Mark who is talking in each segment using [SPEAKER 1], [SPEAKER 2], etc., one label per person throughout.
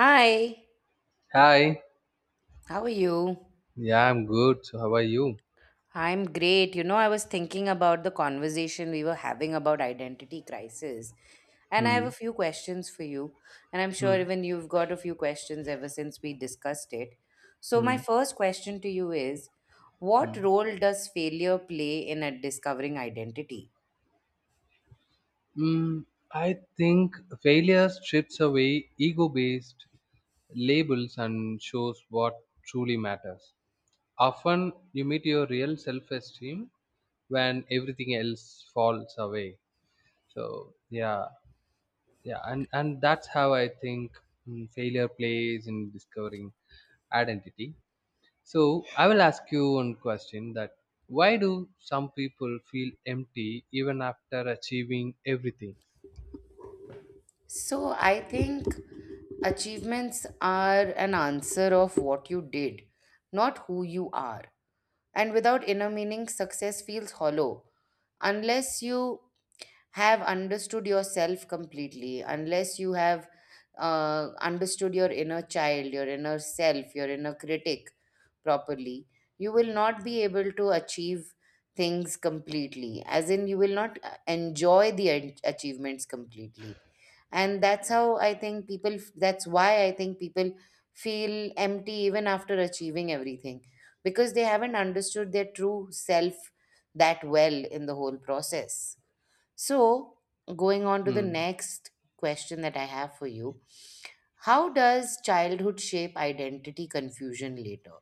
[SPEAKER 1] Hi,
[SPEAKER 2] Hi.
[SPEAKER 1] how are you?
[SPEAKER 2] Yeah, I'm good. So how are you?
[SPEAKER 1] I'm great. You know, I was thinking about the conversation we were having about identity crisis, and I have
[SPEAKER 2] Hmm.
[SPEAKER 1] a few questions for you. And I'm
[SPEAKER 2] Hmm.
[SPEAKER 1] sure even you've got a few questions ever since we discussed it. So, my
[SPEAKER 2] Hmm.
[SPEAKER 1] first question to you is:
[SPEAKER 2] Hmm.
[SPEAKER 1] what role does failure play in discovering identity?
[SPEAKER 2] Mm, I think failure strips away ego based labels and shows what truly matters. Often you meet your real self esteem when everything else falls away. So, yeah, yeah, and that's how I think failure plays in discovering identity. So I will ask you one question that why do some people feel empty even after achieving everything?
[SPEAKER 1] So I think achievements are an answer of what you did, not who you are. And without inner meaning, success feels hollow. Unless you have understood yourself completely, unless you have understood your inner child, your inner self, your inner critic properly, you will not be able to achieve things completely. As in, you will not enjoy the achievements completely, and that's how I think that's why I think people feel empty even after achieving everything, because they haven't understood their true self that well in the whole process. So, going on to the
[SPEAKER 2] Mm.
[SPEAKER 1] next question that I have for you: how does childhood shape identity confusion later?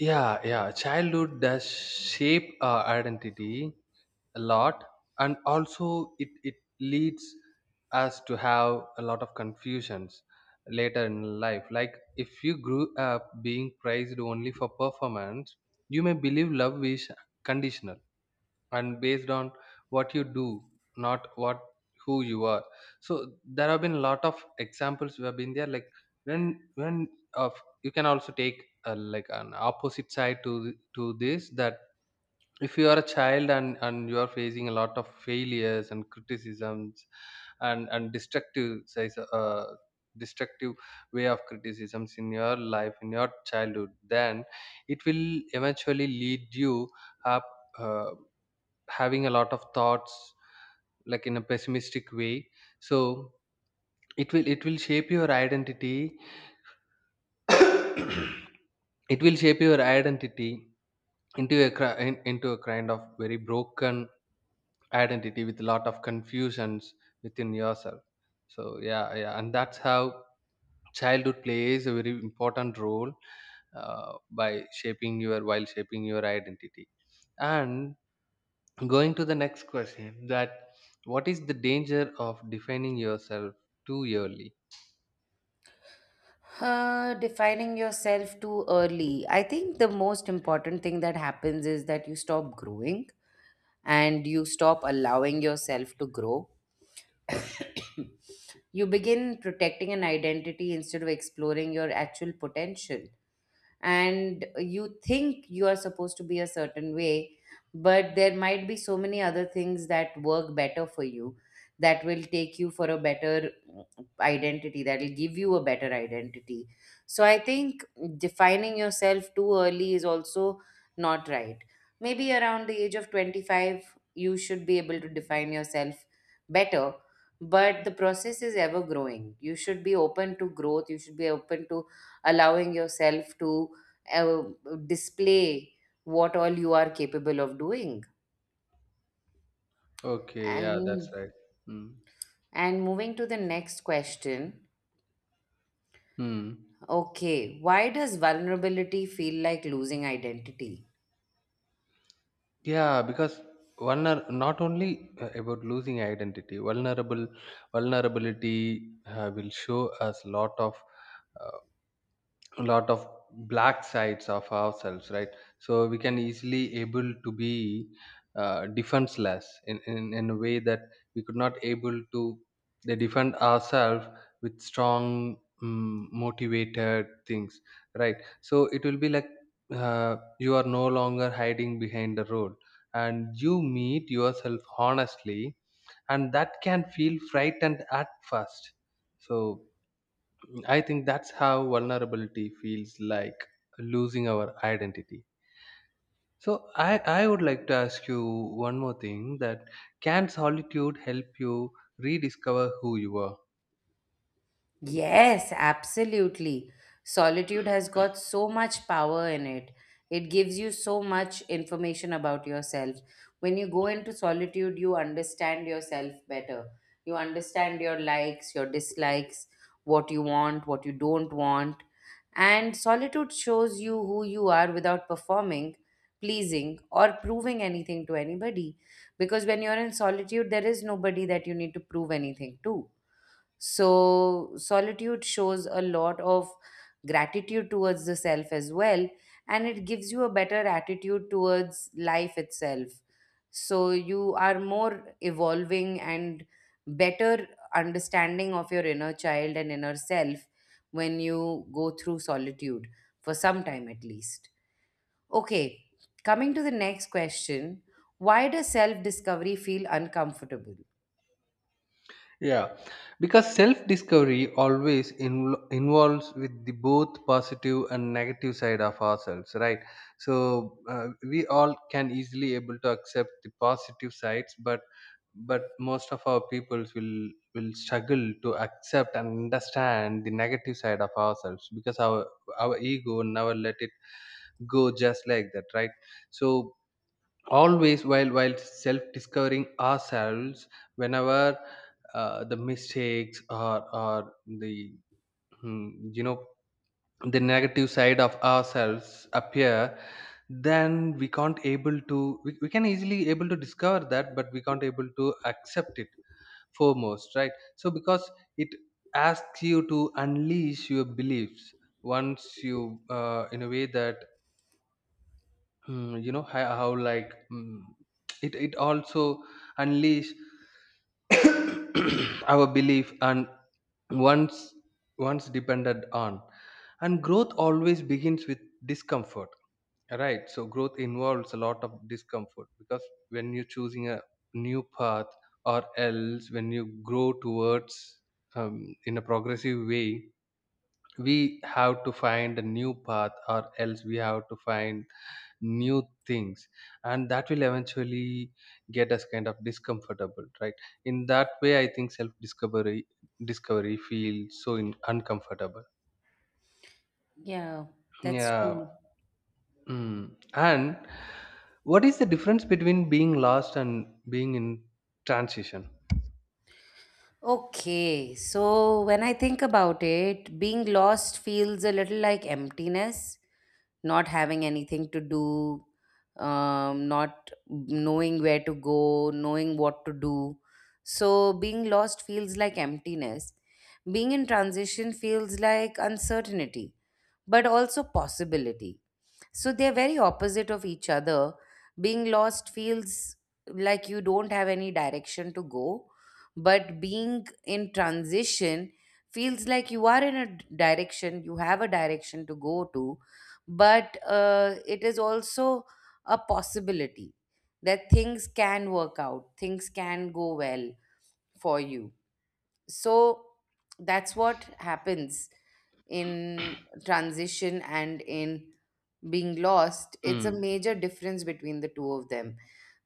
[SPEAKER 2] Yeah, yeah. Childhood does shape our identity a lot, and also it leads us to have a lot of confusions later in life. Like if you grew up being praised only for performance, you may believe love is conditional and based on what you do, not what who you are. So there have been a lot of examples we have been there, like when of you can also take like an opposite side to this, that if you are a child and you are facing a lot of failures and criticisms and destructive says destructive way of criticisms in your life in your childhood, then it will eventually lead you up uh, having a lot of thoughts like in a pessimistic way. So it will shape your identity it will shape your identity into a into a kind of very broken identity with a lot of confusions within yourself. So yeah, yeah, and that's how childhood plays a very important role by shaping your while shaping your identity. And going to the next question that what is the danger of defining yourself too early?
[SPEAKER 1] Defining yourself too early. I think the most important thing that happens is that you stop growing, and you stop allowing yourself to grow. You begin protecting an identity instead of exploring your actual potential, and you think you are supposed to be a certain way, but there might be so many other things that work better for you, that will take you for a better identity, that will give you a better identity. So I think defining yourself too early is also not right. Maybe around the age of 25 you should be able to define yourself better, but the process is ever growing. You should be open to growth, you should be open to allowing yourself to uh, display what all you are capable of doing.
[SPEAKER 2] Okay, yeah, that's
[SPEAKER 1] And
[SPEAKER 2] right. Mm.
[SPEAKER 1] and moving to the next question.
[SPEAKER 2] Hmm.
[SPEAKER 1] Okay, why does vulnerability feel like losing identity?
[SPEAKER 2] Yeah, because one are not only about losing identity, vulnerable vulnerability will show us lot of uh, a lot of black sides of ourselves, right? So we can easily able to be defenseless in a way that we could not able to they defend ourselves with strong motivated things, right? So it will be like you are no longer hiding behind the role and you meet yourself honestly, and that can feel frightened at first. So I think that's how vulnerability feels like losing our identity. So I would like to ask you one more thing, that can solitude help you rediscover who you are?
[SPEAKER 1] Yes, absolutely. Solitude has got so much power in it. It gives you so much information about yourself. When you go into solitude, you understand yourself better. You understand your likes, your dislikes, what you want, what you don't want. And solitude shows you who you are without performing, pleasing, or proving anything to anybody. Because when you're in solitude, there is nobody that you need to prove anything to, so solitude shows a lot of gratitude towards the self as well, and it gives you a better attitude towards life itself. So, you are more evolving and better understanding of your inner child and inner self when you go through solitude for some time at least. Okay, coming to the next question: why does self discovery feel uncomfortable?
[SPEAKER 2] Yeah, because self discovery always involves with the both positive and negative side of ourselves, right? So we all can easily able to accept the positive sides, but most of our peoples will struggle to accept and understand the negative side of ourselves, because our ego never let it go just like that, right? So always while self discovering ourselves, whenever the mistakes or the hmm, you know the negative side of ourselves appear, then we can't able to we can easily able to discover that, but we can't able to accept it foremost, right? So because it asks you to unleash your beliefs once you in a way that how like it also unleash our belief and once once depended on, and growth always begins with discomfort, right? So growth involves a lot of discomfort because when you're choosing a new path, or else when you grow towards in a progressive way, we have to find a new path, or else we have to find new things, and that will eventually get us kind of discomfortable, right? In that way I think self discovery discovery feels so uncomfortable.
[SPEAKER 1] Yeah, that's
[SPEAKER 2] Yeah.
[SPEAKER 1] true.
[SPEAKER 2] Mm. And what is the difference between being lost and being in transition?
[SPEAKER 1] Okay, so when I think about it, being lost feels a little like emptiness, not having anything to do, not knowing where to go, knowing what to do. So being lost feels like emptiness. Being in transition feels like uncertainty, but also possibility. So they're very opposite of each other. Being lost feels like you don't have any direction to go, but being in transition feels like you are in a direction, you have a direction to go to, but it is also a possibility that things can work out, things can go well for you. So that's what happens in transition and in being lost. It's a
[SPEAKER 2] Mm.
[SPEAKER 1] major difference between the two of them.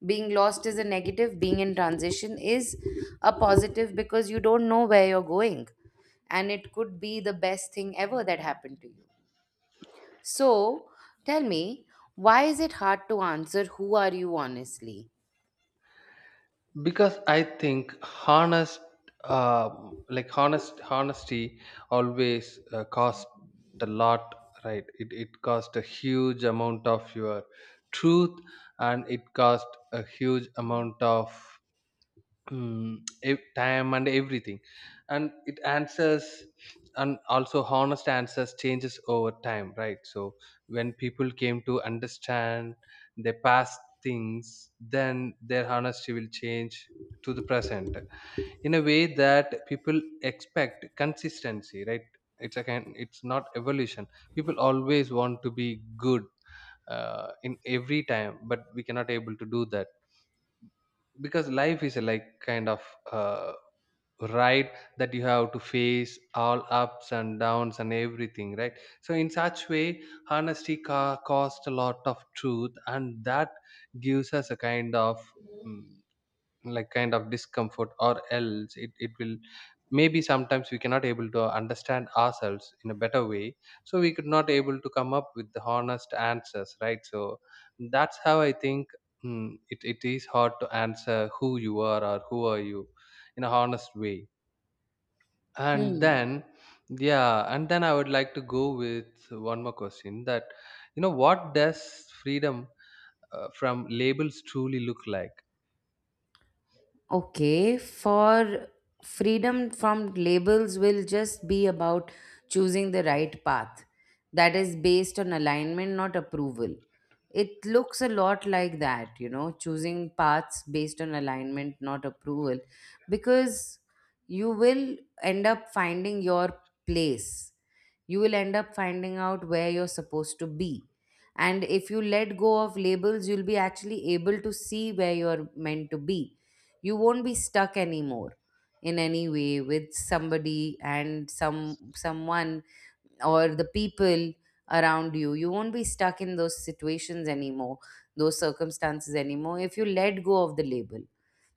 [SPEAKER 1] Being lost is a negative, being in transition is a positive, because you don't know where you're going and it could be the best thing ever that happened to you. So tell me, why is it hard to answer who are you honestly?
[SPEAKER 2] Because I think honest honesty always cost a lot, right? It cost a huge amount of your truth, and it cost a huge amount of mm, time and everything, and it answers. And also honest answers changes over time, right? So when people came to understand their past things, then their honesty will change to the present, in a way that people expect consistency, right? It's a kind, it's not evolution. People always want to be good in every time, but we cannot able to do that, because life is a like kind of uh, ride that you have to face all ups and downs and everything, right? So in such way, honesty cost a lot of truth, and that gives us a kind of mm, like kind of discomfort, or else it will, maybe sometimes we cannot able to understand ourselves in a better way, so we could not able to come up with the honest answers, right? So that's how I think, it is hard to answer who you are or who are you in a honest way. And
[SPEAKER 1] Hmm.
[SPEAKER 2] then yeah, and then I would like to go with one more question that, you know, what does freedom from labels truly look like?
[SPEAKER 1] Okay, for freedom from labels will just be about choosing the right path that is based on alignment, not approval. It looks a lot like that, you know, choosing paths based on alignment, not approval, because you will end up finding your place, you will end up finding out where you're supposed to be. And if you let go of labels, you'll be actually able to see where you're meant to be. You won't be stuck anymore in any way with somebody and someone or the people around you. You won't be stuck in those situations anymore, those circumstances anymore. If you let go of the label,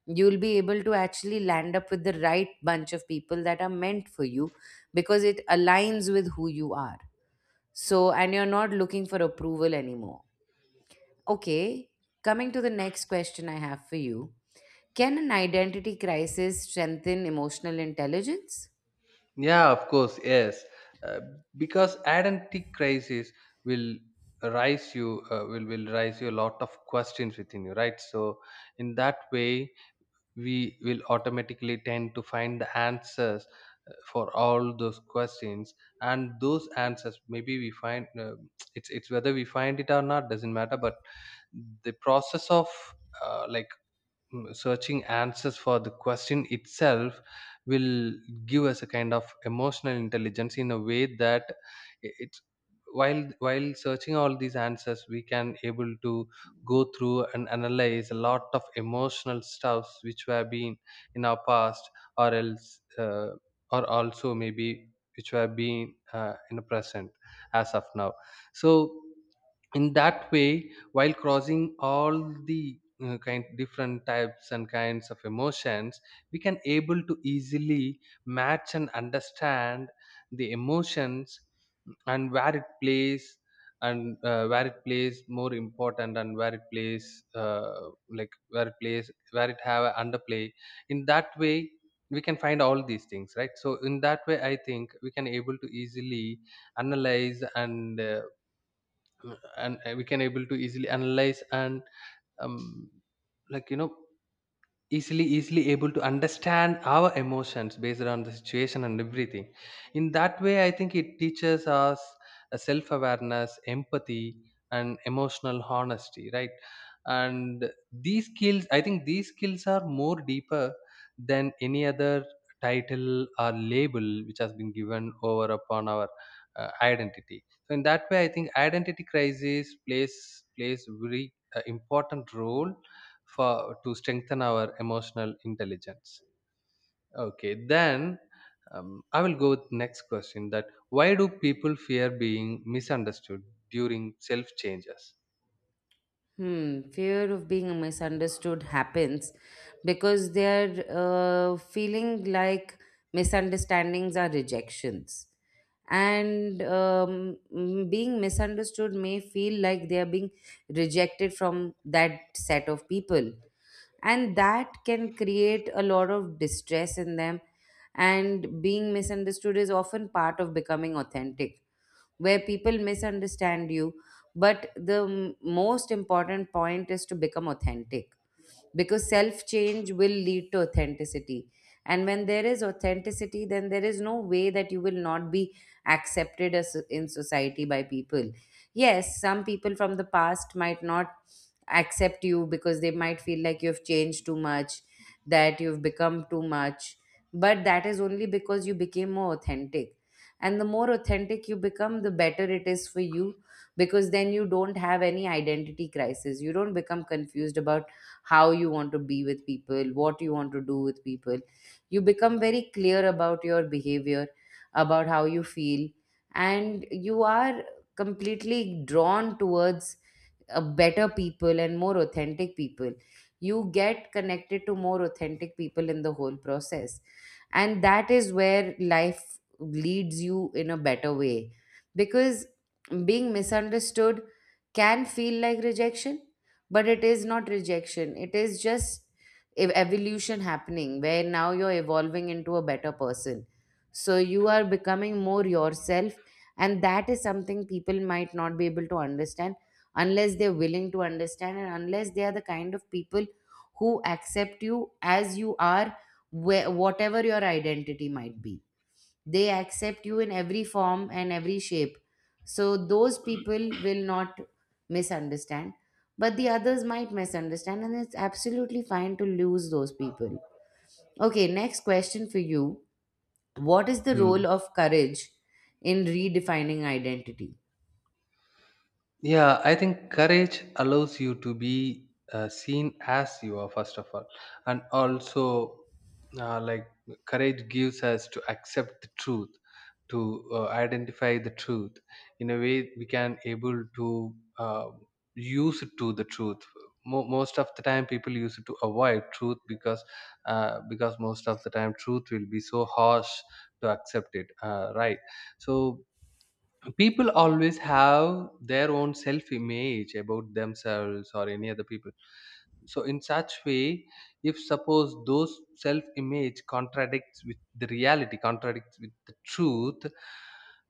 [SPEAKER 1] you'll be able to actually land up with the right bunch of people that are meant for you, because it aligns with who you are. So, and you're not looking for approval anymore. Okay, coming to the next question I have for you: can an identity crisis strengthen emotional intelligence?
[SPEAKER 2] Yeah, of course, yes. Uh, because identity crisis will will rise you a lot of questions within you, right? So in that way, we will automatically tend to find the answers for all those questions, and those answers maybe we find, it's whether we find it or not doesn't matter, but the process of like searching answers for the question itself will give us a kind of emotional intelligence, in a way that it's while searching all these answers, we can able to go through and analyze a lot of emotional stuffs which were been in our past, or else uh, or also maybe which were being in the present as of now. So in that way, while crossing all the kind different types and kinds of emotions, we can able to easily match and understand the emotions and where it plays, and where it plays more important and where it plays like where it have a underplay. In that way we can find all these things, right? So in that way I think we can able to easily analyze and we can able to easily analyze and um, like you know easily able to understand our emotions based on the situation and everything. In that way I think it teaches us a self-awareness, empathy, and emotional honesty, right? And these skills, I think these skills are more deeper than any other title or label which has been given over upon our identity. So in that way I think identity crisis plays very important role for to strengthen our emotional intelligence. Okay, then I will go with next question, that why do people fear being misunderstood during self changes?
[SPEAKER 1] Hmm, fear of being misunderstood happens because they're feeling like misunderstandings are rejections, and being misunderstood may feel like they are being rejected from that set of people, and that can create a lot of distress in them. And being misunderstood is often part of becoming authentic, where people misunderstand you, but the most important point is to become authentic, because self change will lead to authenticity. And when there is authenticity, then there is no way that you will not be accepted as in society by people. Yes, some people from the past might not accept you because they might feel like you've changed too much, that you've become too much. But that is only because you became more authentic. And the more authentic you become, the better it is for you, because then you don't have any identity crisis. You don't become confused about how you want to be with people, what you want to do with people. You become very clear about your behavior, about how you feel, and you are completely drawn towards better people and more authentic people. You get connected to more authentic people in the whole process, and that is where life leads you in a better way, because being misunderstood can feel like rejection, but it is not rejection, it is just evolution happening, where now you're evolving into a better person, so you are becoming more yourself. And that is something people might not be able to understand, unless they're willing to understand and unless they are the kind of people who accept you as you are, where, whatever your identity might be, they accept you in every form and every shape. So those people will not misunderstand, but the others might misunderstand, and it's absolutely fine to lose those people. Okay, next question for you: what is the role of courage in redefining identity?
[SPEAKER 2] Yeah, I think courage allows you to be seen as you are, first of all. And also, uh, like, courage gives us to accept the truth, to identify the truth. In a way, we can able to use it to the truth. Most of the time, people use it to avoid truth, because because most of the time, truth will be so harsh to accept it, right? So people always have their own self image about themselves or any other people. So in such way, if suppose those self image contradicts with the reality, contradicts with the truth,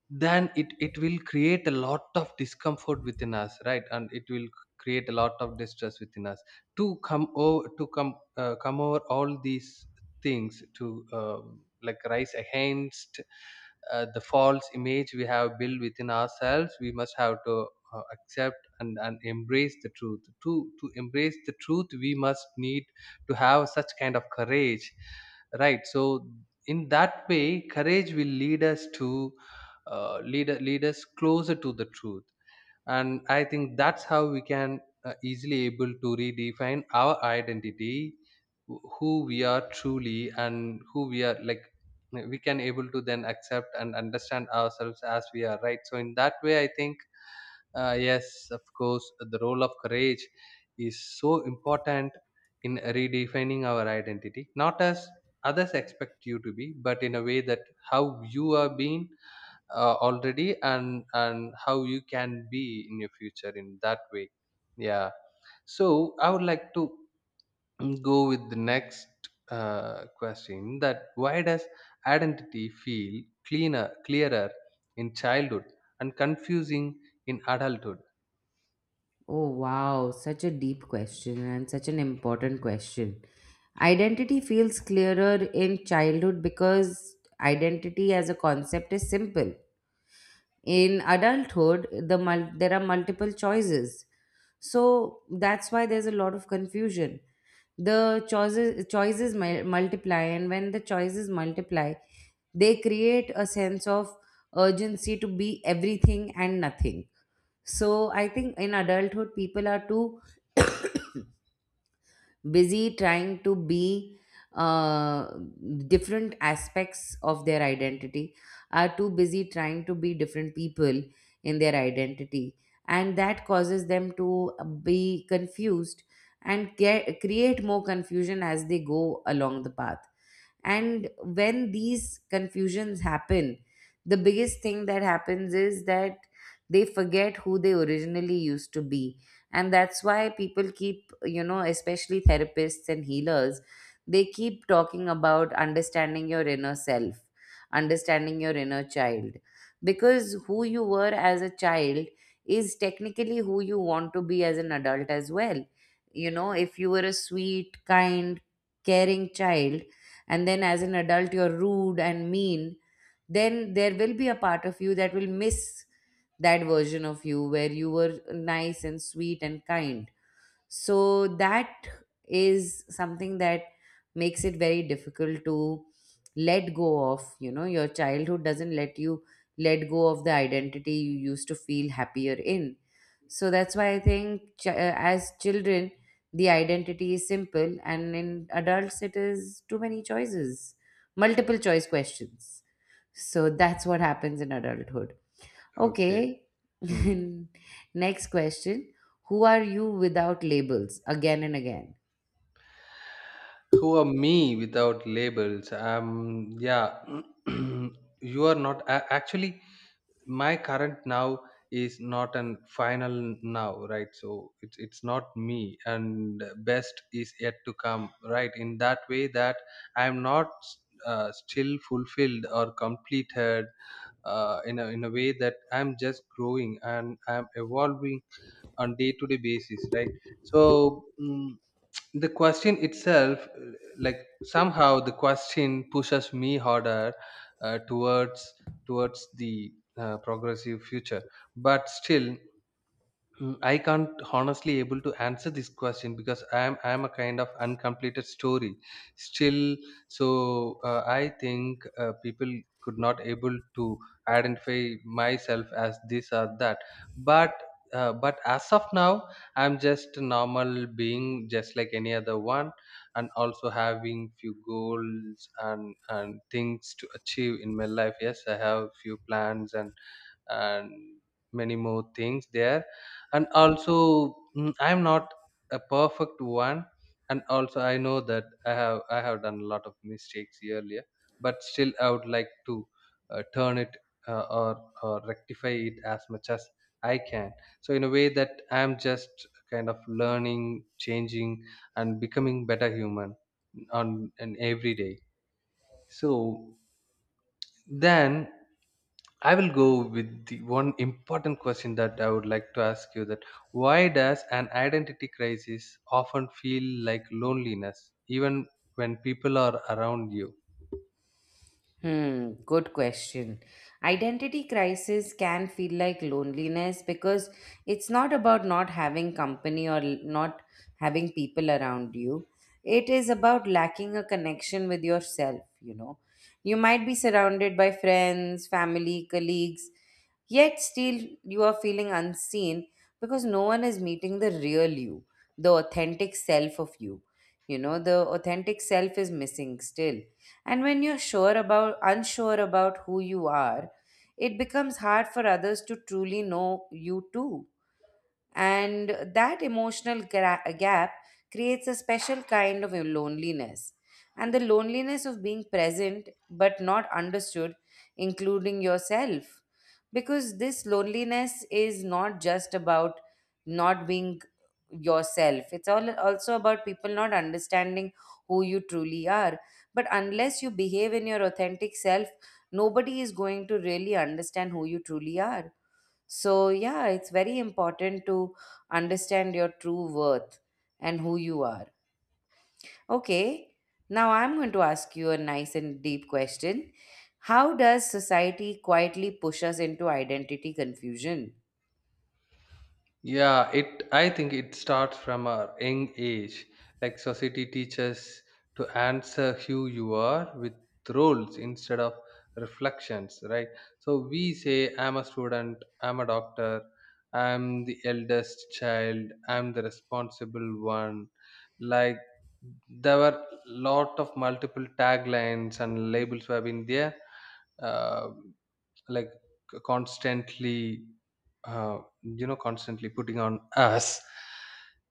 [SPEAKER 2] then it will create a lot of discomfort within us, right? And it will create a lot of distress within us to come come over all these things, to rise against the false image we have built within ourselves. We must have to accept and embrace the truth. To embrace the truth, we must need to have such kind of courage, right? So in that way, courage will lead us to lead us closer to the truth. And I think that's how we can easily able to redefine our identity, who we are truly and who we are like. We can able to then accept and understand ourselves as we are, right? So in that way I think, yes, of course, the role of courage is so important in redefining our identity, not as others expect you to be, but in a way that how you are being already, and how you can be in your future in that way. Yeah. So I would like to go with the next question, that why does identity feel cleaner clearer in childhood and confusing in adulthood?
[SPEAKER 1] Oh, wow, such a deep question and such an important question. Identity feels clearer in childhood because identity as a concept is simple. In adulthood, there are multiple choices. So that's why there's a lot of confusion. The choices multiply, and when the choices multiply, they create a sense of urgency to be everything and nothing. So I think in adulthood, people are too busy trying to be uh, different aspects of their identity, are too busy trying to be different people in their identity. And that causes them to be confused and create more confusion as they go along the path. And when these confusions happen, the biggest thing that happens is that they forget who they originally used to be. And that's why people keep, you know, especially therapists and healers, they keep talking about understanding your inner self, understanding your inner child. Because who you were as a child is technically who you want to be as an adult as well. You know, if you were a sweet, kind, caring child, and then as an adult you're rude and mean, then there will be a part of you that will miss that version of you where you were nice and sweet and kind. So that is something that makes it very difficult to let go of, you know, your childhood doesn't let you let go of the identity you used to feel happier in. So that's why I think as children the identity is simple, and in adults it is too many choices, multiple choice questions. So that's what happens in adulthood.
[SPEAKER 2] Okay.
[SPEAKER 1] Okay.
[SPEAKER 2] Hmm.
[SPEAKER 1] Next question. Who are you without labels again and again?
[SPEAKER 2] Who are me without labels? Yeah. You are not a- actually my current now is not an final now, right? So it's not me, and best is yet to come, right? In that way that I am not still fulfilled or completed, in a way that I'm just growing and I'm evolving on day to day basis, right? So the question itself, like, somehow the question pushes me harder towards, towards the progressive future. But still, I can't honestly able to answer this question because I am a kind of uncompleted story still. So I think people could not able to identify myself as this or that. But but as of now, I'm just a normal being, just like any other one, and also having few goals and things to achieve in my life. Yes, I have few plans and many more things there. And also I am not a perfect one, and also I know that I have done a lot of mistakes earlier, but still I would like to turn it or or rectify it as much as I can. So in a way that I am just kind of learning, changing, and becoming better human on an every day. So then I will go with the one important question that I would like to ask you, that why does an identity crisis often feel like loneliness even when people are around you?
[SPEAKER 1] Hmm, good question. Identity crisis can feel like loneliness because it's not about not having company or not having people around you. It is about lacking a connection with yourself, you know. You might be surrounded by friends, family, colleagues, yet, still, you are feeling unseen because no one is meeting the real you, the authentic self of you. You know, the authentic self is missing still. And when you're sure about, unsure about who you are, it becomes hard for others to truly know you too. And that emotional gap creates a special kind of loneliness. And the loneliness of being present but not understood, including yourself. Because this loneliness is not just about not being yourself, it's all also about people not understanding who you truly are. But unless you behave in your authentic self, nobody is going to really understand who you truly are. So, yeah, it's very important to understand your true worth and who you are. Okay, now I'm going to ask you a nice and deep question. How does society quietly push us into identity confusion?
[SPEAKER 2] Yeah, it I think it starts from a young age. Like, society teaches to answer who you are with roles instead of reflections, right? So we say I'm a student, I'm a doctor, I'm the eldest child, I'm the responsible one. Like, there were lot of multiple taglines and labels were in there. Uh, like, constantly, you know, constantly putting on us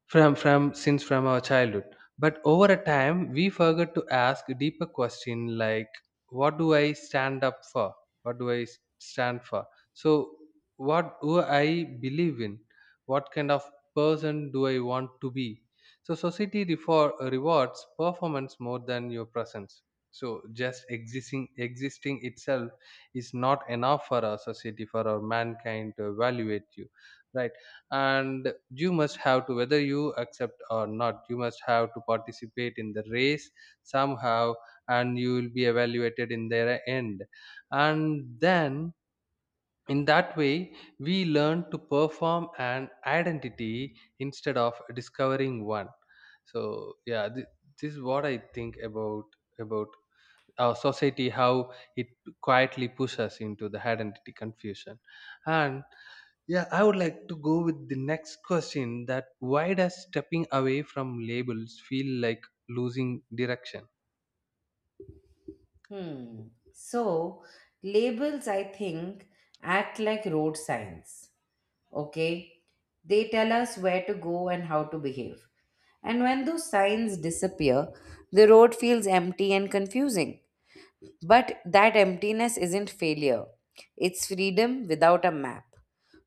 [SPEAKER 2] from since from our childhood. But over a time we forget to ask a deeper question, like what do I stand up for, what do I stand for, so what do I believe in, what kind of person do I want to be. So society rewards performance more than your presence. So just existing, existing itself is not enough for our society, for our mankind to evaluate you, right? And you must have to, whether you accept or not, you must have to participate in the race, somehow, and you will be evaluated in their end. And then, in that way, we learn to perform an identity instead of discovering one. So yeah, this is what I think about our society, how it quietly pushes us into the identity confusion. And yeah, I would like to go with the next question that why does stepping away from labels feel like losing direction?
[SPEAKER 1] Hmm. So, labels, I think, act like road signs. Okay, they tell us where to go and how to behave. And when those signs disappear, the road feels empty and confusing. But that emptiness isn't failure, it's freedom without a map.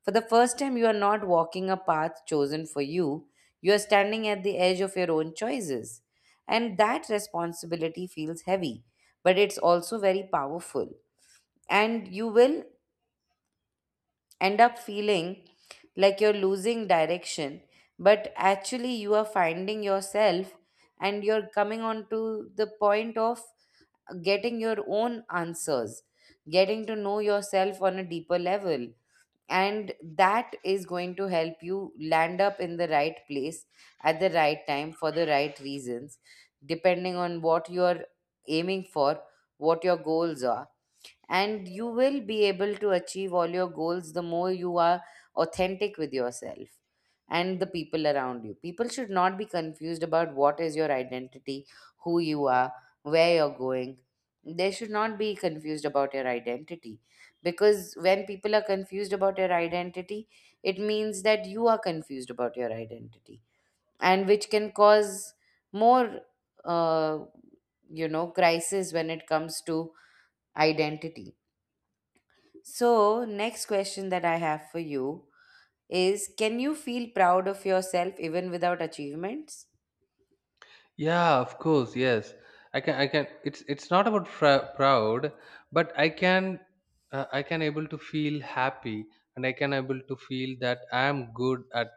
[SPEAKER 1] For the first time, you are not walking a path chosen for you, you are standing at the edge of your own choices. And that responsibility feels heavy, but it's also very powerful. And you will end up feeling like you're losing direction, but actually, you are finding yourself and you're coming on to the point of getting your own answers, getting to know yourself on a deeper level. And that is going to help you land up in the right place at the right time for the right reasons, depending on what you're aiming for, what your goals are and you will be able to achieve all your goals the more you are authentic with yourself and the people around you. People should not be confused about what is your identity, who you are, where you're going. They should not be confused about your identity because when people are confused about your identity, it means that you are confused about your identity and which can cause more, uh, crisis when it comes to identity. So, next question that I have for you is, can you feel proud of yourself even without achievements?
[SPEAKER 2] Yeah, of course, yes. I can, I can, it's not about proud, but I can I can able to feel happy, and I can able to feel that I am good at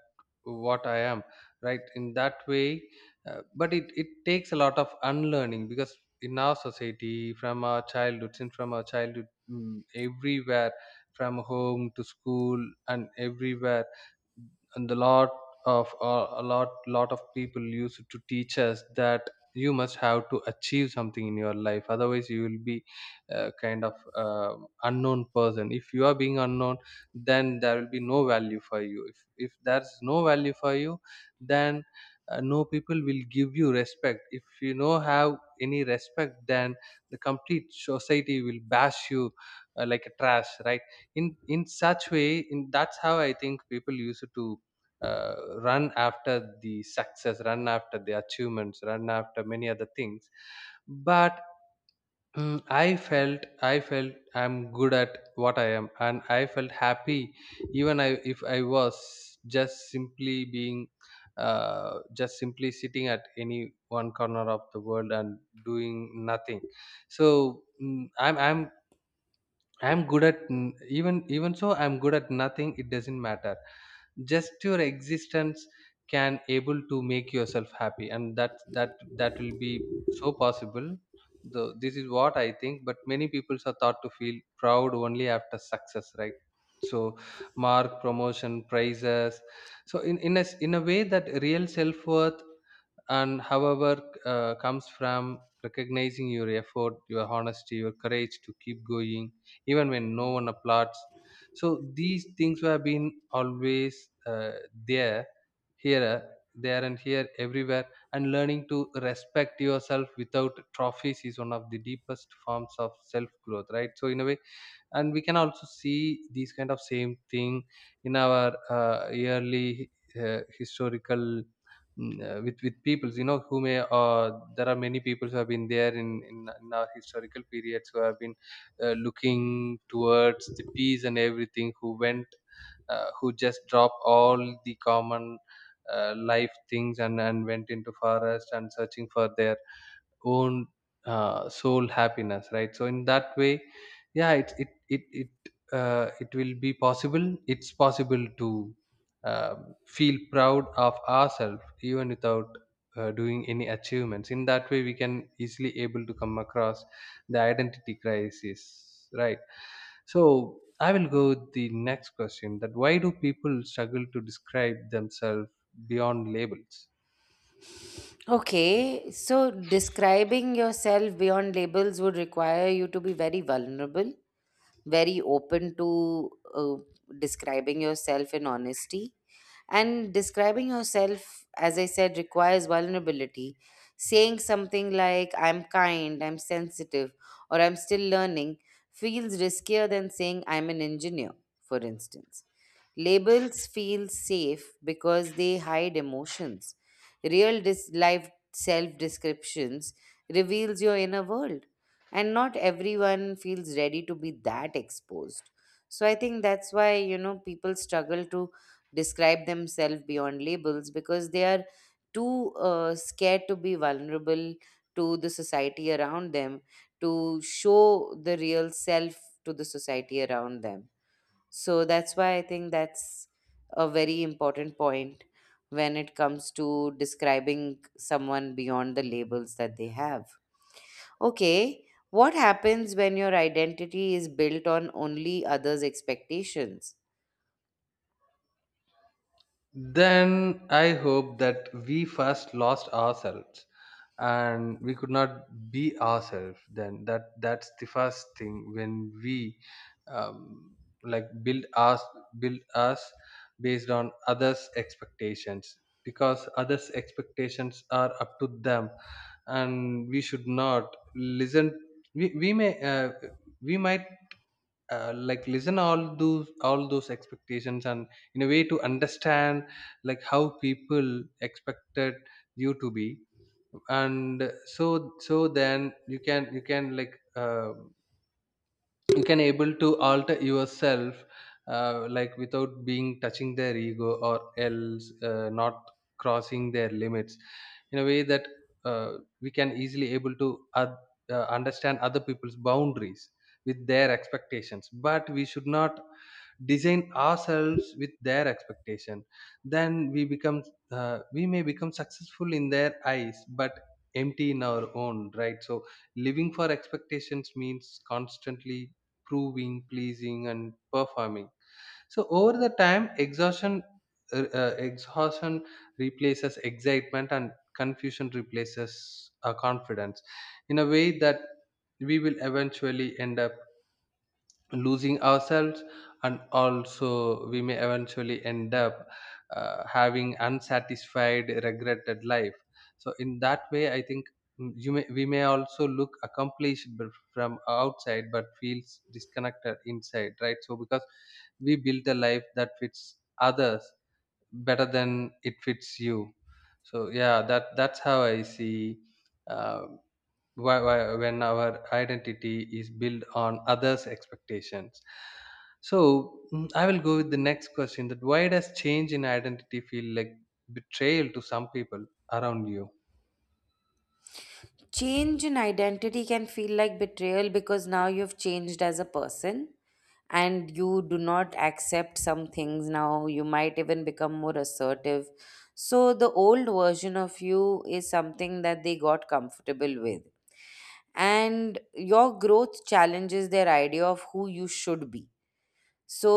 [SPEAKER 2] what I am, right, in that way. But it takes a lot of unlearning, because in our society from our childhood, since from our childhood, everywhere, from home to school and everywhere, and a lot of a lot, of people used to teach us that you must have to achieve something in your life, otherwise you will be kind of unknown person. If you are being unknown, then there will be no value for you. If there's no value for you, then no people will give you respect. If you no have any respect, then the complete society will bash you like a trash, right? In such way, in that's how I think people used to run after the success, run after the achievements, run after many other things. But I felt, I'm good at what I am, and I felt happy, even if I was just simply being, just simply sitting at any one corner of the world and doing nothing. So I'm good at even so, I'm good at nothing, it doesn't matter. Just your existence can able to make yourself happy, and that will be so possible. Though this is what I think, but many people are thought to feel proud only after success, right? So, mark, promotion, prizes. So in a way that real self-worth and, however, comes from recognizing your effort, your honesty, your courage to keep going even when no one applauds. So these things have been always there, here, there and here, everywhere. And learning to respect yourself without trophies is one of the deepest forms of self growth, right? So in a way, and we can also see these kind of same thing in our yearly historical, with peoples, you know, who may, there are many people who have been there in our historical periods, who have been looking towards the peace and everything, who went who just dropped all the common life things, and went into forest and searching for their own soul happiness, right? So in that way, yeah, it it will be possible. It's possible to feel proud of ourselves even without doing any achievements. In that way, we can easily able to come across the identity crisis, right? So I will go with the next question that why do people struggle to describe themselves beyond labels?
[SPEAKER 1] Okay, so describing yourself beyond labels would require you to be very vulnerable, very open to describing yourself in honesty. And describing yourself, as I said, requires vulnerability. Saying something like, I'm kind, I'm sensitive, or I'm still learning feels riskier than saying, I'm an engineer, for instance. Labels feel safe because they hide emotions. Real life self descriptions reveals your inner world, and not everyone feels ready to be that exposed. So I think that's why people struggle to describe themselves beyond labels because they are too scared to be vulnerable to the society around them, to show the real self to the society around them. So that's why I think that's a very important point when it comes to describing someone beyond the labels that they have. Okay, what happens when your identity is built on only others' expectations?
[SPEAKER 2] Then I hope that we first lost ourselves and we could not be ourselves. Then that that's the first thing, when we um, like, build us based on others expectations, because others expectations are up to them, and we should not listen. We, we may we might like, listen all those expectations, and in a way to understand like how people expected you to be. And so, so then you can, like, you can able to alter yourself like, without being touching their ego, or else not crossing their limits, in a way that uh, we can easily able to understand other people's boundaries with their expectations. But we should not design ourselves with their expectation. Then we become we may become successful in their eyes but empty in our own, right? So living for expectations means constantly proving, pleasing, and performing. So over the time, exhaustion replaces excitement, and confusion replaces confidence, in a way that we will eventually end up losing ourselves. And also, we may eventually end up having unsatisfied regretted life. So in that way I think, you may we may also look accomplished from outside but feels disconnected inside, right? So because we built a life that fits others better than it fits you. So yeah, that that's how I see, um, when our identity is built on others expectations. So I will go with the next question that why does change in identity feel like betrayal to some people around you?
[SPEAKER 1] Change in identity can feel like betrayal because now you've changed as a person, and you do not accept some things. Now you might even become more assertive, so the old version of you is something that they got comfortable with, and your growth challenges their idea of who you should be. So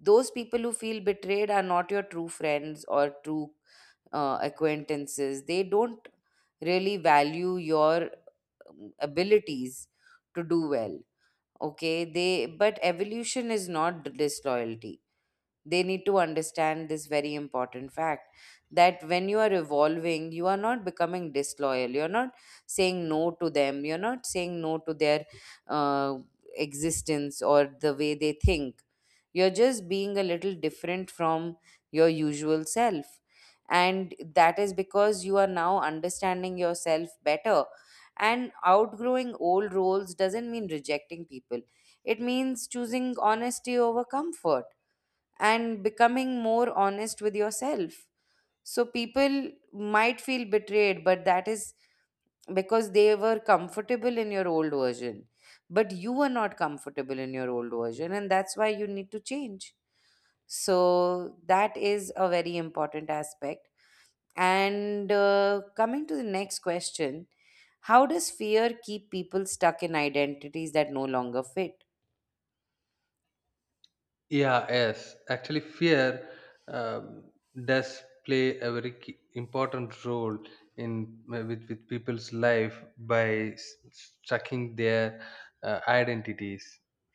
[SPEAKER 1] those people who feel betrayed are not your true friends or true acquaintances. They don't really value your abilities to do well. Okay, they, but evolution is not disloyalty. They need to understand this very important fact that when you are evolving, you are not becoming disloyal. You're not saying no to them, you're not saying no to their uh, existence or the way they think. You're just being a little different from your usual self, and that is because you are now understanding yourself better. And outgrowing old roles doesn't mean rejecting people, it means choosing honesty over comfort and becoming more honest with yourself. So people might feel betrayed, but that is because they were comfortable in your old version. But you were not comfortable in your old version, and that's why you need to change. So that is a very important aspect. And coming to the next question, how does fear keep people stuck in identities that no longer fit?
[SPEAKER 2] Yeah, yes. Actually, fear, um, does play a very key, important role in with people's life, by sucking their identities,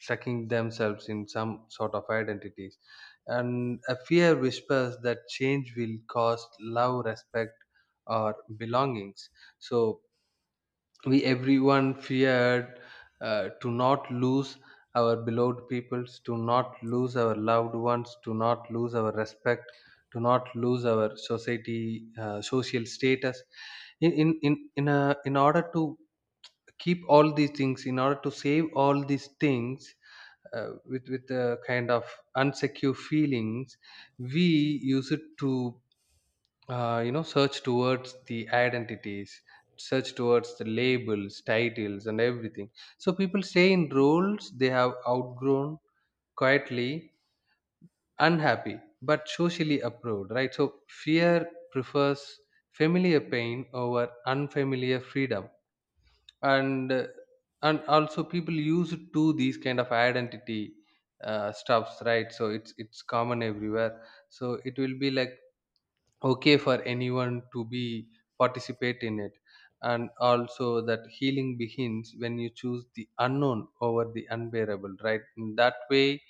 [SPEAKER 2] sucking themselves in some sort of identities. And a fear whispers that change will cost love, respect, or belongings. So we everyone feared to not lose our beloved peoples, to not lose our loved ones, to not lose our respect, to not lose our society, social status, in order to keep all these things, in order to save all these things with a kind of unsecure feelings, we use it to you know, search towards the identities, search towards the labels, titles, and everything. So people stay in roles they have outgrown, quietly unhappy but socially approved, right? So fear prefers familiar pain over unfamiliar freedom. And and also people used to these kind of identity stuffs, right? So it's common everywhere, so it will be like okay for anyone to be participate in it. And also, that healing begins when you choose the unknown over the unbearable, right, in that way.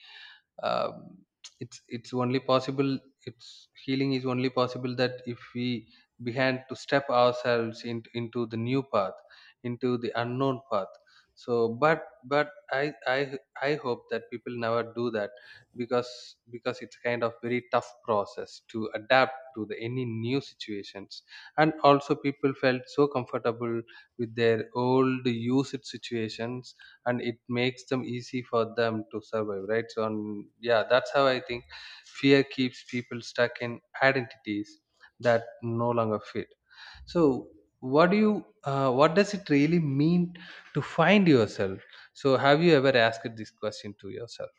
[SPEAKER 2] um, it's only possible, it's healing is only possible, that if we began to step ourselves into the new path, into the unknown path. So but I hope that people never do that, because it's kind of very tough process to adapt to the any new situations. And also, people felt so comfortable with their old used situations, and it makes them easy for them to survive, right? So, and yeah, that's how I think fear keeps people stuck in identities that no longer fit. So what do you, what does it really mean to find yourself? So have you ever asked this question to yourself?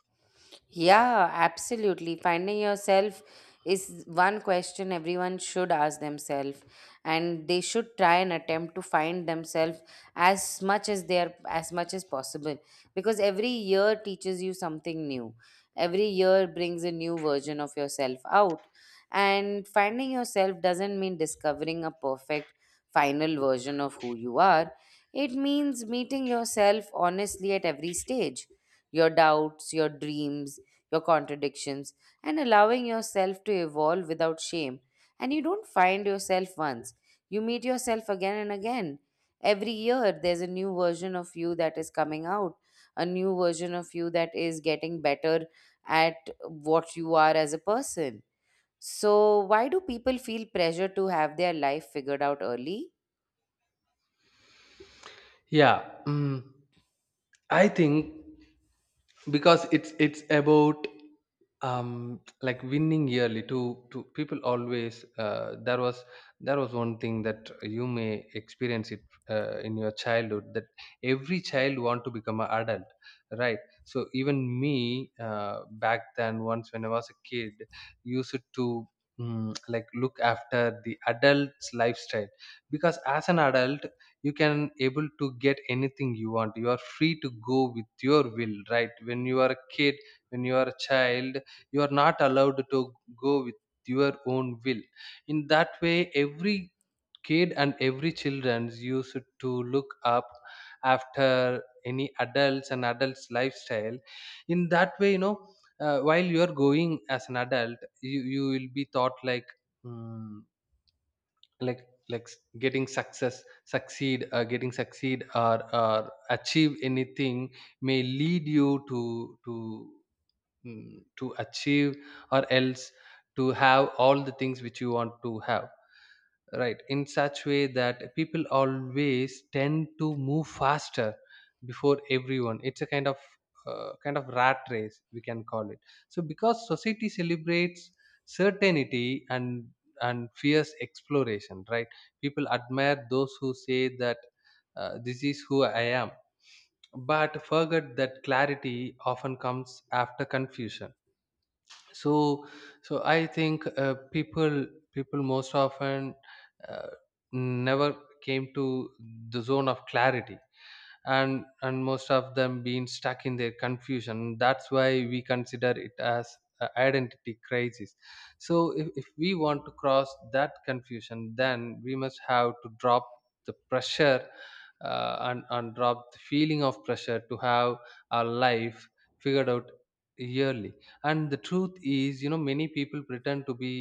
[SPEAKER 1] Yeah, absolutely. Finding yourself is one question everyone should ask themselves, and they should try and attempt to find themselves as much as they are, as much as possible. Because every year teaches you something new. Every year brings a new version of yourself out. And finding yourself doesn't mean discovering a perfect final version of who you are. It means meeting yourself honestly at every stage. Your doubts, your dreams, your contradictions, and allowing yourself to evolve without shame. And you don't find yourself once, you meet yourself again and again. Every year, there's a new version of you that is coming out, a new version of you that is getting better at what you are as a person. So, why do people feel pressure to have their life figured out early?
[SPEAKER 2] Yeah. I think, because it's about, like, winning yearly to people always, there was one thing that you may experience it in your childhood, that every child want to become an adult, right? So even me, back then once when I was a kid, used to like, look after the adult's lifestyle, because as an adult you can able to get anything you want, you are free to go with your will, right? When you are a kid, when you are a child, you are not allowed to go with your own will. In that way, every kid and every children used to look up after any adults and adults lifestyle. In that way, you know, while you are going as an adult, you will be thought like, "Hmm, like getting success, succeed, getting succeed, or achieve anything may lead you to to achieve, or else, to have all the things which you want to have," right? In such way that people always tend to move faster before everyone. It's a kind of rat race, we can call it. So because society celebrates certainty and fierce exploration, right? People admire those who say that this is who I am, but forget that clarity often comes after confusion. So, so I think people, people most often uh, never came to the zone of clarity, and most of them being stuck in their confusion. That's why we consider it as a identity crisis. So if we want to cross that confusion, then we must have to drop the pressure and drop the feeling of pressure to have our life figured out yearly. And the truth is, you know, many people pretend to be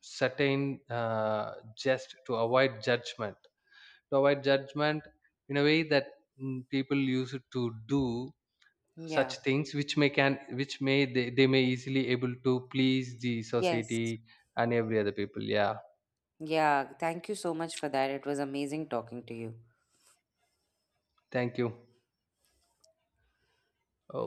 [SPEAKER 2] certain just to avoid judgment, to avoid judgment, in a way that people used to do
[SPEAKER 1] Yeah.
[SPEAKER 2] such things which may can, which may they may easily able to please the
[SPEAKER 1] Yes.
[SPEAKER 2] society and every other people. Yeah.
[SPEAKER 1] Yeah. Thank you so much for that. It was amazing talking to you.
[SPEAKER 2] Thank you. Oh.